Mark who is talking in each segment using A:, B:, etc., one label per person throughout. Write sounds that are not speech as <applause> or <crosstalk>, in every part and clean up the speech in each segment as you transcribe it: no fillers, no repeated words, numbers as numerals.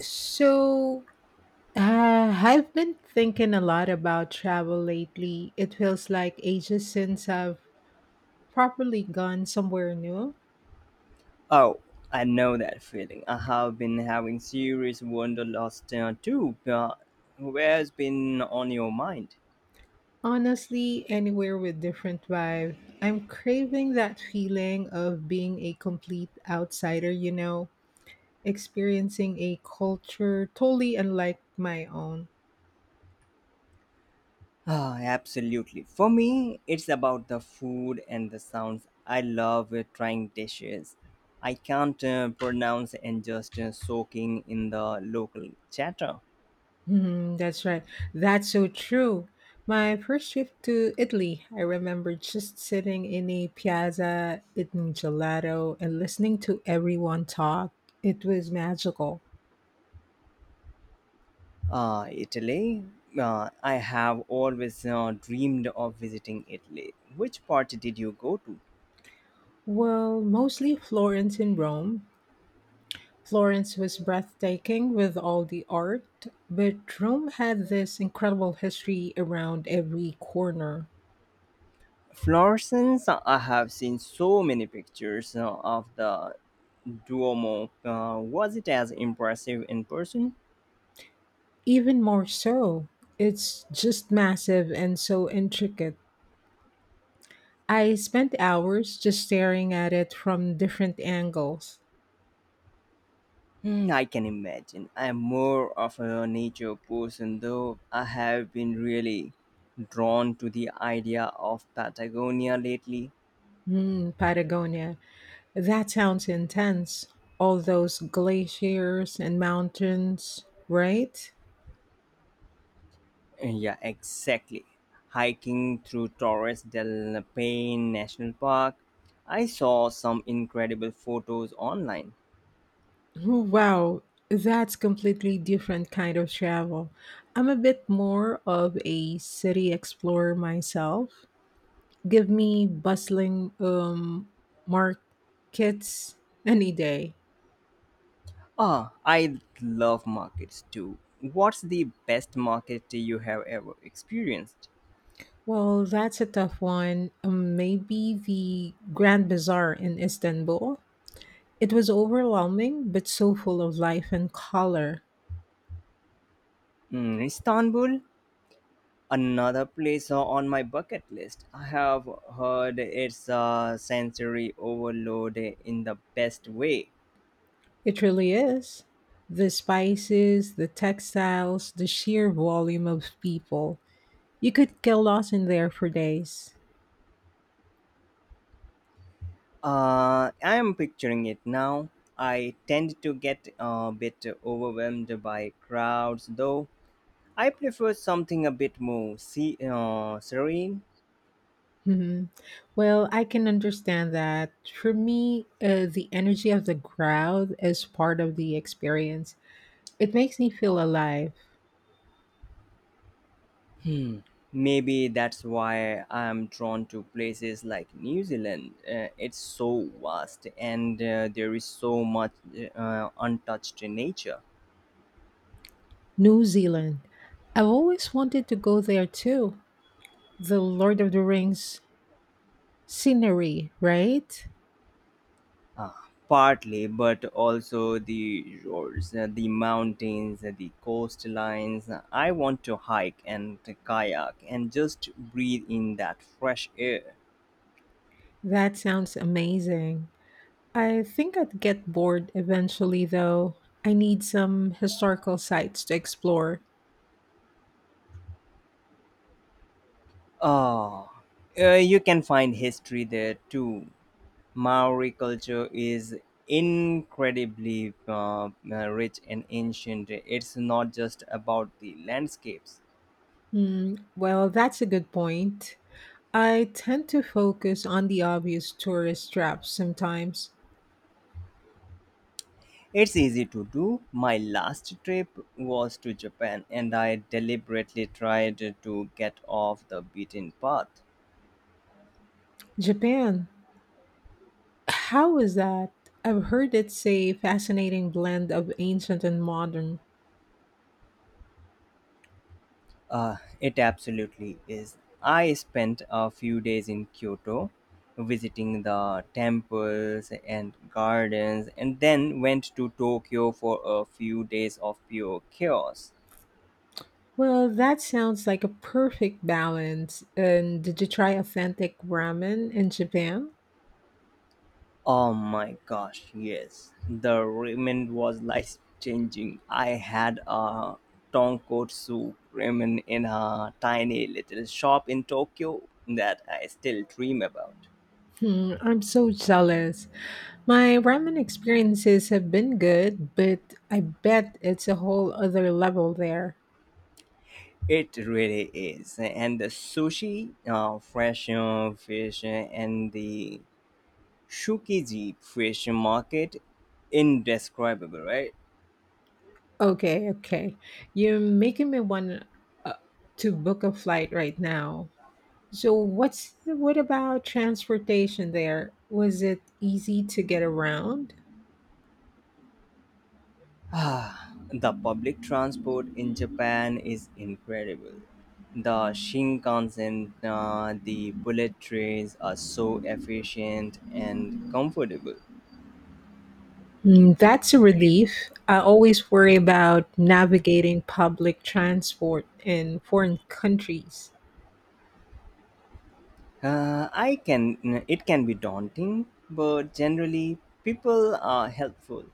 A: So, I've been thinking a lot about travel lately. It feels like ages since I've properly gone somewhere new.
B: Oh, I know that feeling. I have been having serious wanderlust too. Where's been on your mind?
A: Honestly, anywhere with different vibe. I'm craving that feeling of being a complete outsider, you know, experiencing a culture totally unlike my own.
B: Ah, absolutely. For me, it's about the food and the sounds. I love trying dishes I can't pronounce and just soaking in the local chatter.
A: Mhm, that's right. That's so true. My first trip to Italy, I remember just sitting in a piazza, eating gelato, and listening to everyone talk. It was magical.
B: Ah, Italy. I have always dreamed of visiting Italy. Which part did you go to?
A: Well, mostly Florence and Rome. Florence was breathtaking with all the art, but Rome had this incredible history around every corner.
B: Florence, I have seen so many pictures of the Duomo. Was it as impressive in person?
A: Even more so, it's just massive and so intricate. I spent hours just staring at it from different angles.
B: Hmm, I can imagine. I am more of a nature person, though I have been really drawn to the idea of Patagonia lately.
A: Mm, Patagonia. That sounds intense. All those glaciers and mountains, right?
B: Yeah, exactly. Hiking through Torres del Paine National Park, I saw some incredible photos online.
A: Oh, wow, that's completely different kind of travel. I'm a bit more of a city explorer myself. Give me bustling markets any day.
B: Ah, I love markets too. What's the best market you have ever experienced?
A: Well, that's a tough one. Maybe the Grand Bazaar in Istanbul. It was overwhelming, but so full of life and color.
B: Mm, Istanbul, another place on my bucket list. I have heard it's a sensory overload in the best way.
A: It really is. The spices, the textiles, the sheer volume of people. You could get lost in there for days.
B: I am picturing it now. I tend to get a bit overwhelmed by crowds, though. I prefer something a bit more serene.
A: Hmm. Well, I can understand that. For me, the energy of the crowd is part of the experience. It makes me feel alive.
B: Hmm. Maybe that's why I'm drawn to places like New Zealand. It's so vast and there is so much untouched nature.
A: New Zealand. I've always wanted to go there too. The Lord of the Rings scenery, right?
B: Ah, partly, but also the roads, the mountains, the coastlines. I want to hike and kayak and just breathe in that fresh air.
A: That sounds amazing. I think I'd get bored eventually, though. I need some historical sites to explore.
B: Ah, you can find history there too. Maori culture is incredibly rich and ancient. It's not just about the landscapes.
A: Hmm, well, that's a good point. I tend to focus on the obvious tourist traps sometimes.
B: It's easy to do. My last trip was to Japan and I deliberately tried to get off the beaten path.
A: Japan, how is that? I've heard it's a fascinating blend of ancient and modern.
B: It absolutely is. I spent a few days in Kyoto visiting the temples and gardens and then went to Tokyo for a few days of pure chaos.
A: Well, that sounds like a perfect balance. And did you try authentic ramen in Japan?
B: Oh my gosh, yes. The ramen was <laughs> life changing. I had a tonkotsu ramen in a tiny little shop in Tokyo that I still dream about.
A: Hmm, I'm so jealous. My ramen experiences have been good, but I bet it's a whole other level there.
B: It really is. And the sushi, fresh fish, and the Shukiji fish market, indescribable, right?
A: Okay, okay. You're making me want uh, to book a flight right now. So, what about transportation there? Was it easy to get around?
B: <sighs> Ah, the public transport in Japan is incredible. The Shinkansen, the bullet trains are so efficient and comfortable.
A: Mm, that's a relief. I always worry about navigating public transport in foreign countries.
B: I can. It can be daunting, but generally people are helpful,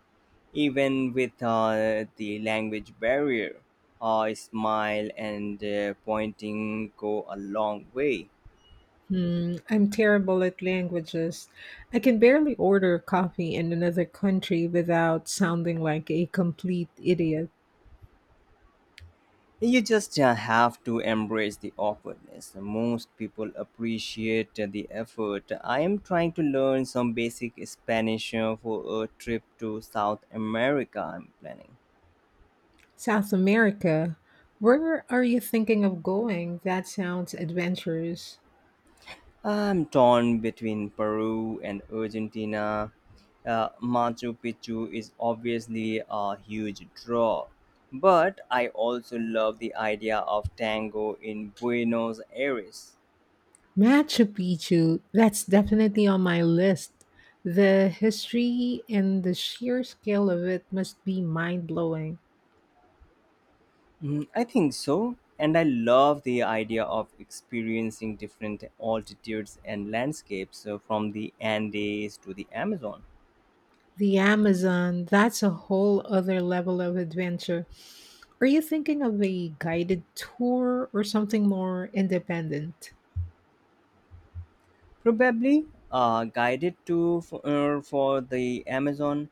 B: even with the language barrier. A smile and pointing go a long way.
A: Mm, I'm terrible at languages. I can barely order coffee in another country without sounding like a complete idiot.
B: You just have to embrace the awkwardness. Most people appreciate the effort. I am trying to learn some basic Spanish for a trip to South America I'm planning.
A: South America, where are you thinking of going? That sounds adventurous.
B: I'm torn between Peru and Argentina. Machu Picchu is obviously a huge draw, but I also love the idea of tango in Buenos Aires.
A: Machu Picchu, that's definitely on my list. The history and the sheer scale of it must be mind blowing.
B: Mm, I think so, and I love the idea of experiencing different altitudes and landscapes from the Andes to the Amazon.
A: The Amazon, that's a whole other level of adventure. Are you thinking of a guided tour or something more independent?
B: Probably a guided tour for, for the Amazon.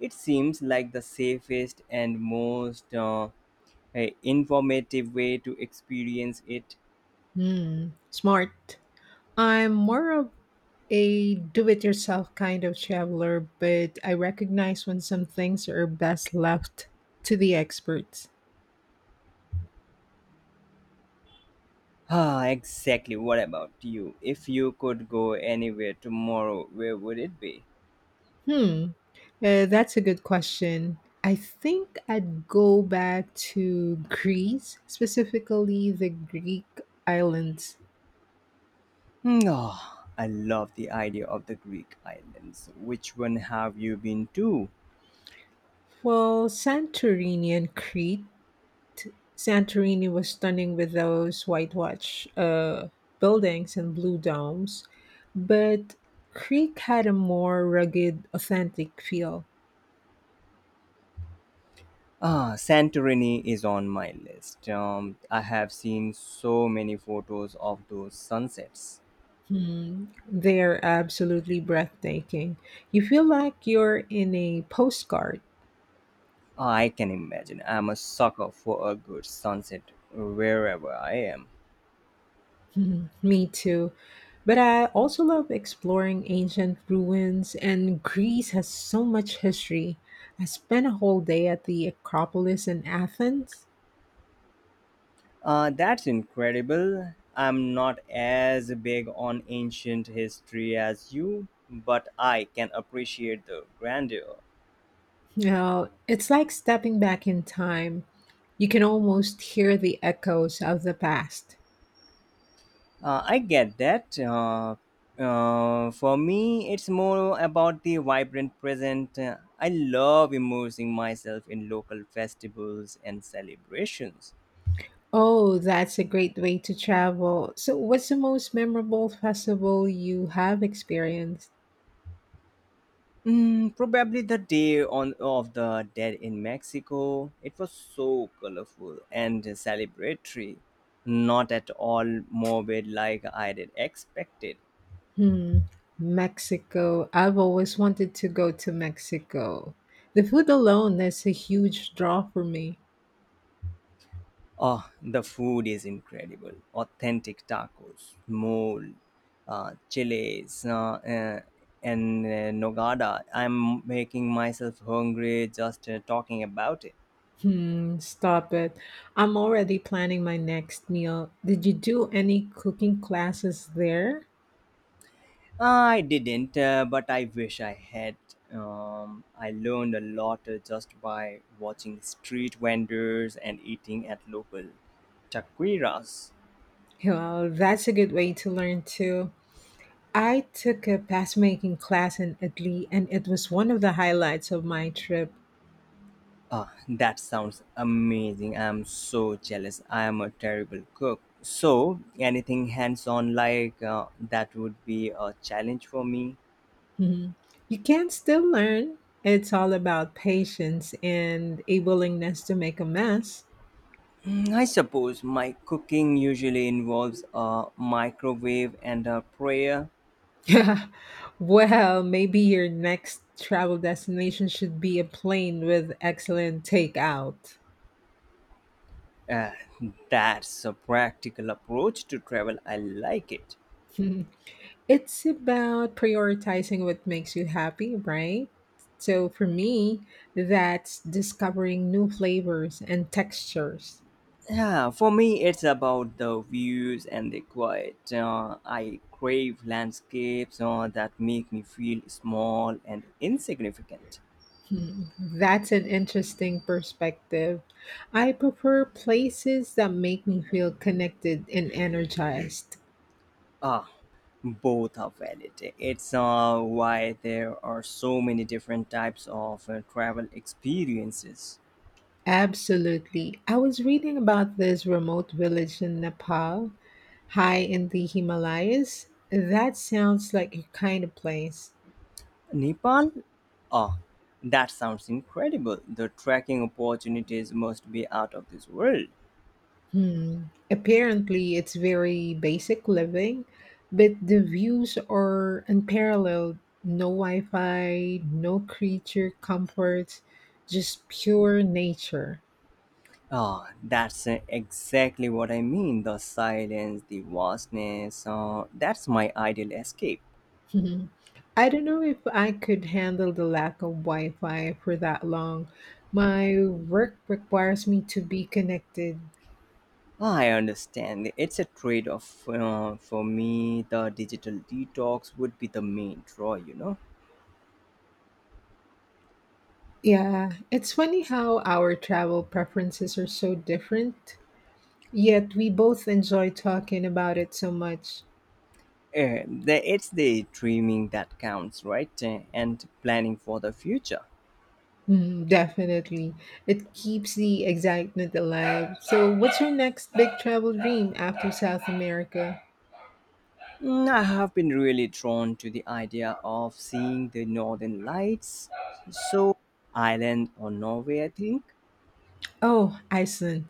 B: It seems like the safest and most informative way to experience it.
A: Hmm, smart. I'm more of a do it yourself kind of traveler, but I recognize when some things are best left to the experts.
B: Ah, exactly. What about you? If you could go anywhere tomorrow, where would it be?
A: Hmm. That's a good question. I think I'd go back to Greece, specifically the Greek islands.
B: No, I love the idea of the Greek islands. Which one have you been to?
A: Well, Santorini and Crete. Santorini was stunning with those whitewash buildings and blue domes, but Crete had a more rugged, authentic feel.
B: Ah, Santorini is on my list. I have seen so many photos of those sunsets.
A: Hmm. They are absolutely breathtaking. You feel like you're in a postcard.
B: I can imagine. I'm a sucker for a good sunset wherever I am.
A: Mhm, me too. But I also love exploring ancient ruins, and Greece has so much history. I spent a whole day at the Acropolis in Athens.
B: That's incredible. I'm not as big on ancient history as you, but I can appreciate the grandeur.
A: You know, it's like stepping back in time. You can almost hear the echoes of the past.
B: I get that. For me, it's more about the vibrant present. I love immersing myself in local festivals and celebrations.
A: Oh, that's a great way to travel. So, what's the most memorable festival you have experienced?
B: Mm, probably the day on of the dead in Mexico. It was so colorful and celebratory, not at all morbid like I did expected.
A: Hmm, Mexico. I've always wanted to go to Mexico. The food alone is a huge draw for me.
B: Oh, the food is incredible. Authentic tacos, mole, chiles, and nogada. I'm making myself hungry just talking about it.
A: Hmm, stop it. I'm already planning my next meal. Did you do any cooking classes there?
B: I didn't, but I wish I had. I learned a lot just by watching street vendors and eating at local taquiras.
A: Well, that's a good way to learn too. I took a past making class in Italy and it was one of the highlights of my trip.
B: Ah, that sounds amazing. I'm so jealous. I am a terrible cook. So, anything hands on like that would be a challenge for me.
A: Hmm. You can still learn. It's all about patience and a willingness to make a mess.
B: Mm, I suppose my cooking usually involves a microwave and a prayer.
A: <laughs> Yeah. Well, maybe your next travel destination should be a plane with excellent takeout.
B: Uh, that's a practical approach to travel. I like it.
A: <laughs> It's about prioritizing what makes you happy, right? So for me, that's discovering new flavors and textures.
B: Yeah, for me, it's about the views and the quiet. I crave landscapes that make me feel small and insignificant.
A: Hmm, that's an interesting perspective. I prefer places that make me feel connected and energized.
B: Ah, both are valid. It's why there are so many different types of travel experiences.
A: Absolutely. I was reading about this remote village in Nepal high in the Himalayas. That sounds like your kind of place.
B: Nepal? Ah, that sounds incredible. The trekking opportunities must be out of this world.
A: Hmm. Apparently, it's very basic living, but the views are unparalleled. No Wi Fi, no creature comforts, just pure nature. <laughs>
B: That's exactly what I mean. The silence, the vastness. That's my ideal escape.
A: Hmm. I don't know if I could handle the lack of Wi Fi for that long. My work requires me to be connected.
B: I understand. It's a trade off for me. The digital detox would be the main draw, you know.
A: Yeah, it's funny how our travel preferences are so different, yet we both enjoy talking about it so much.
B: It's the dreaming that counts, right? And planning for the future.
A: Mm, definitely. It keeps the excitement alive. So, what's your next big travel dream after South America?
B: Mm, I have been really drawn to the idea of seeing the northern lights. So, Ireland or Norway, I think.
A: Oh, Iceland.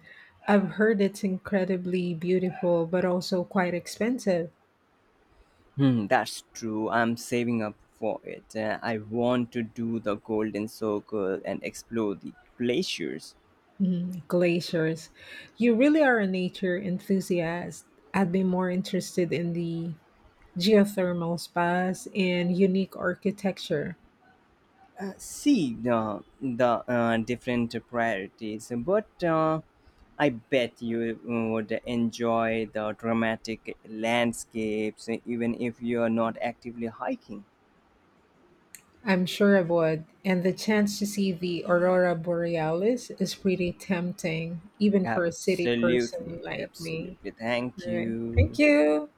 A: I've heard it's incredibly beautiful, but also quite expensive.
B: Hmm, that's true. I'm saving up for it. I want to do the Golden Circle and explore the glaciers.
A: Mm, glaciers. You really are a nature enthusiast. I'd be more interested in the geothermal spas, and unique architecture.
B: See the different priorities, but I bet you would enjoy the dramatic landscapes, even if you are not actively hiking.
A: I'm sure I would. And the chance to see the aurora borealis is pretty tempting, even for a city person
B: Absolutely,
A: like me.
B: absolutely. Thank
A: All right. Thank
B: you.
A: you.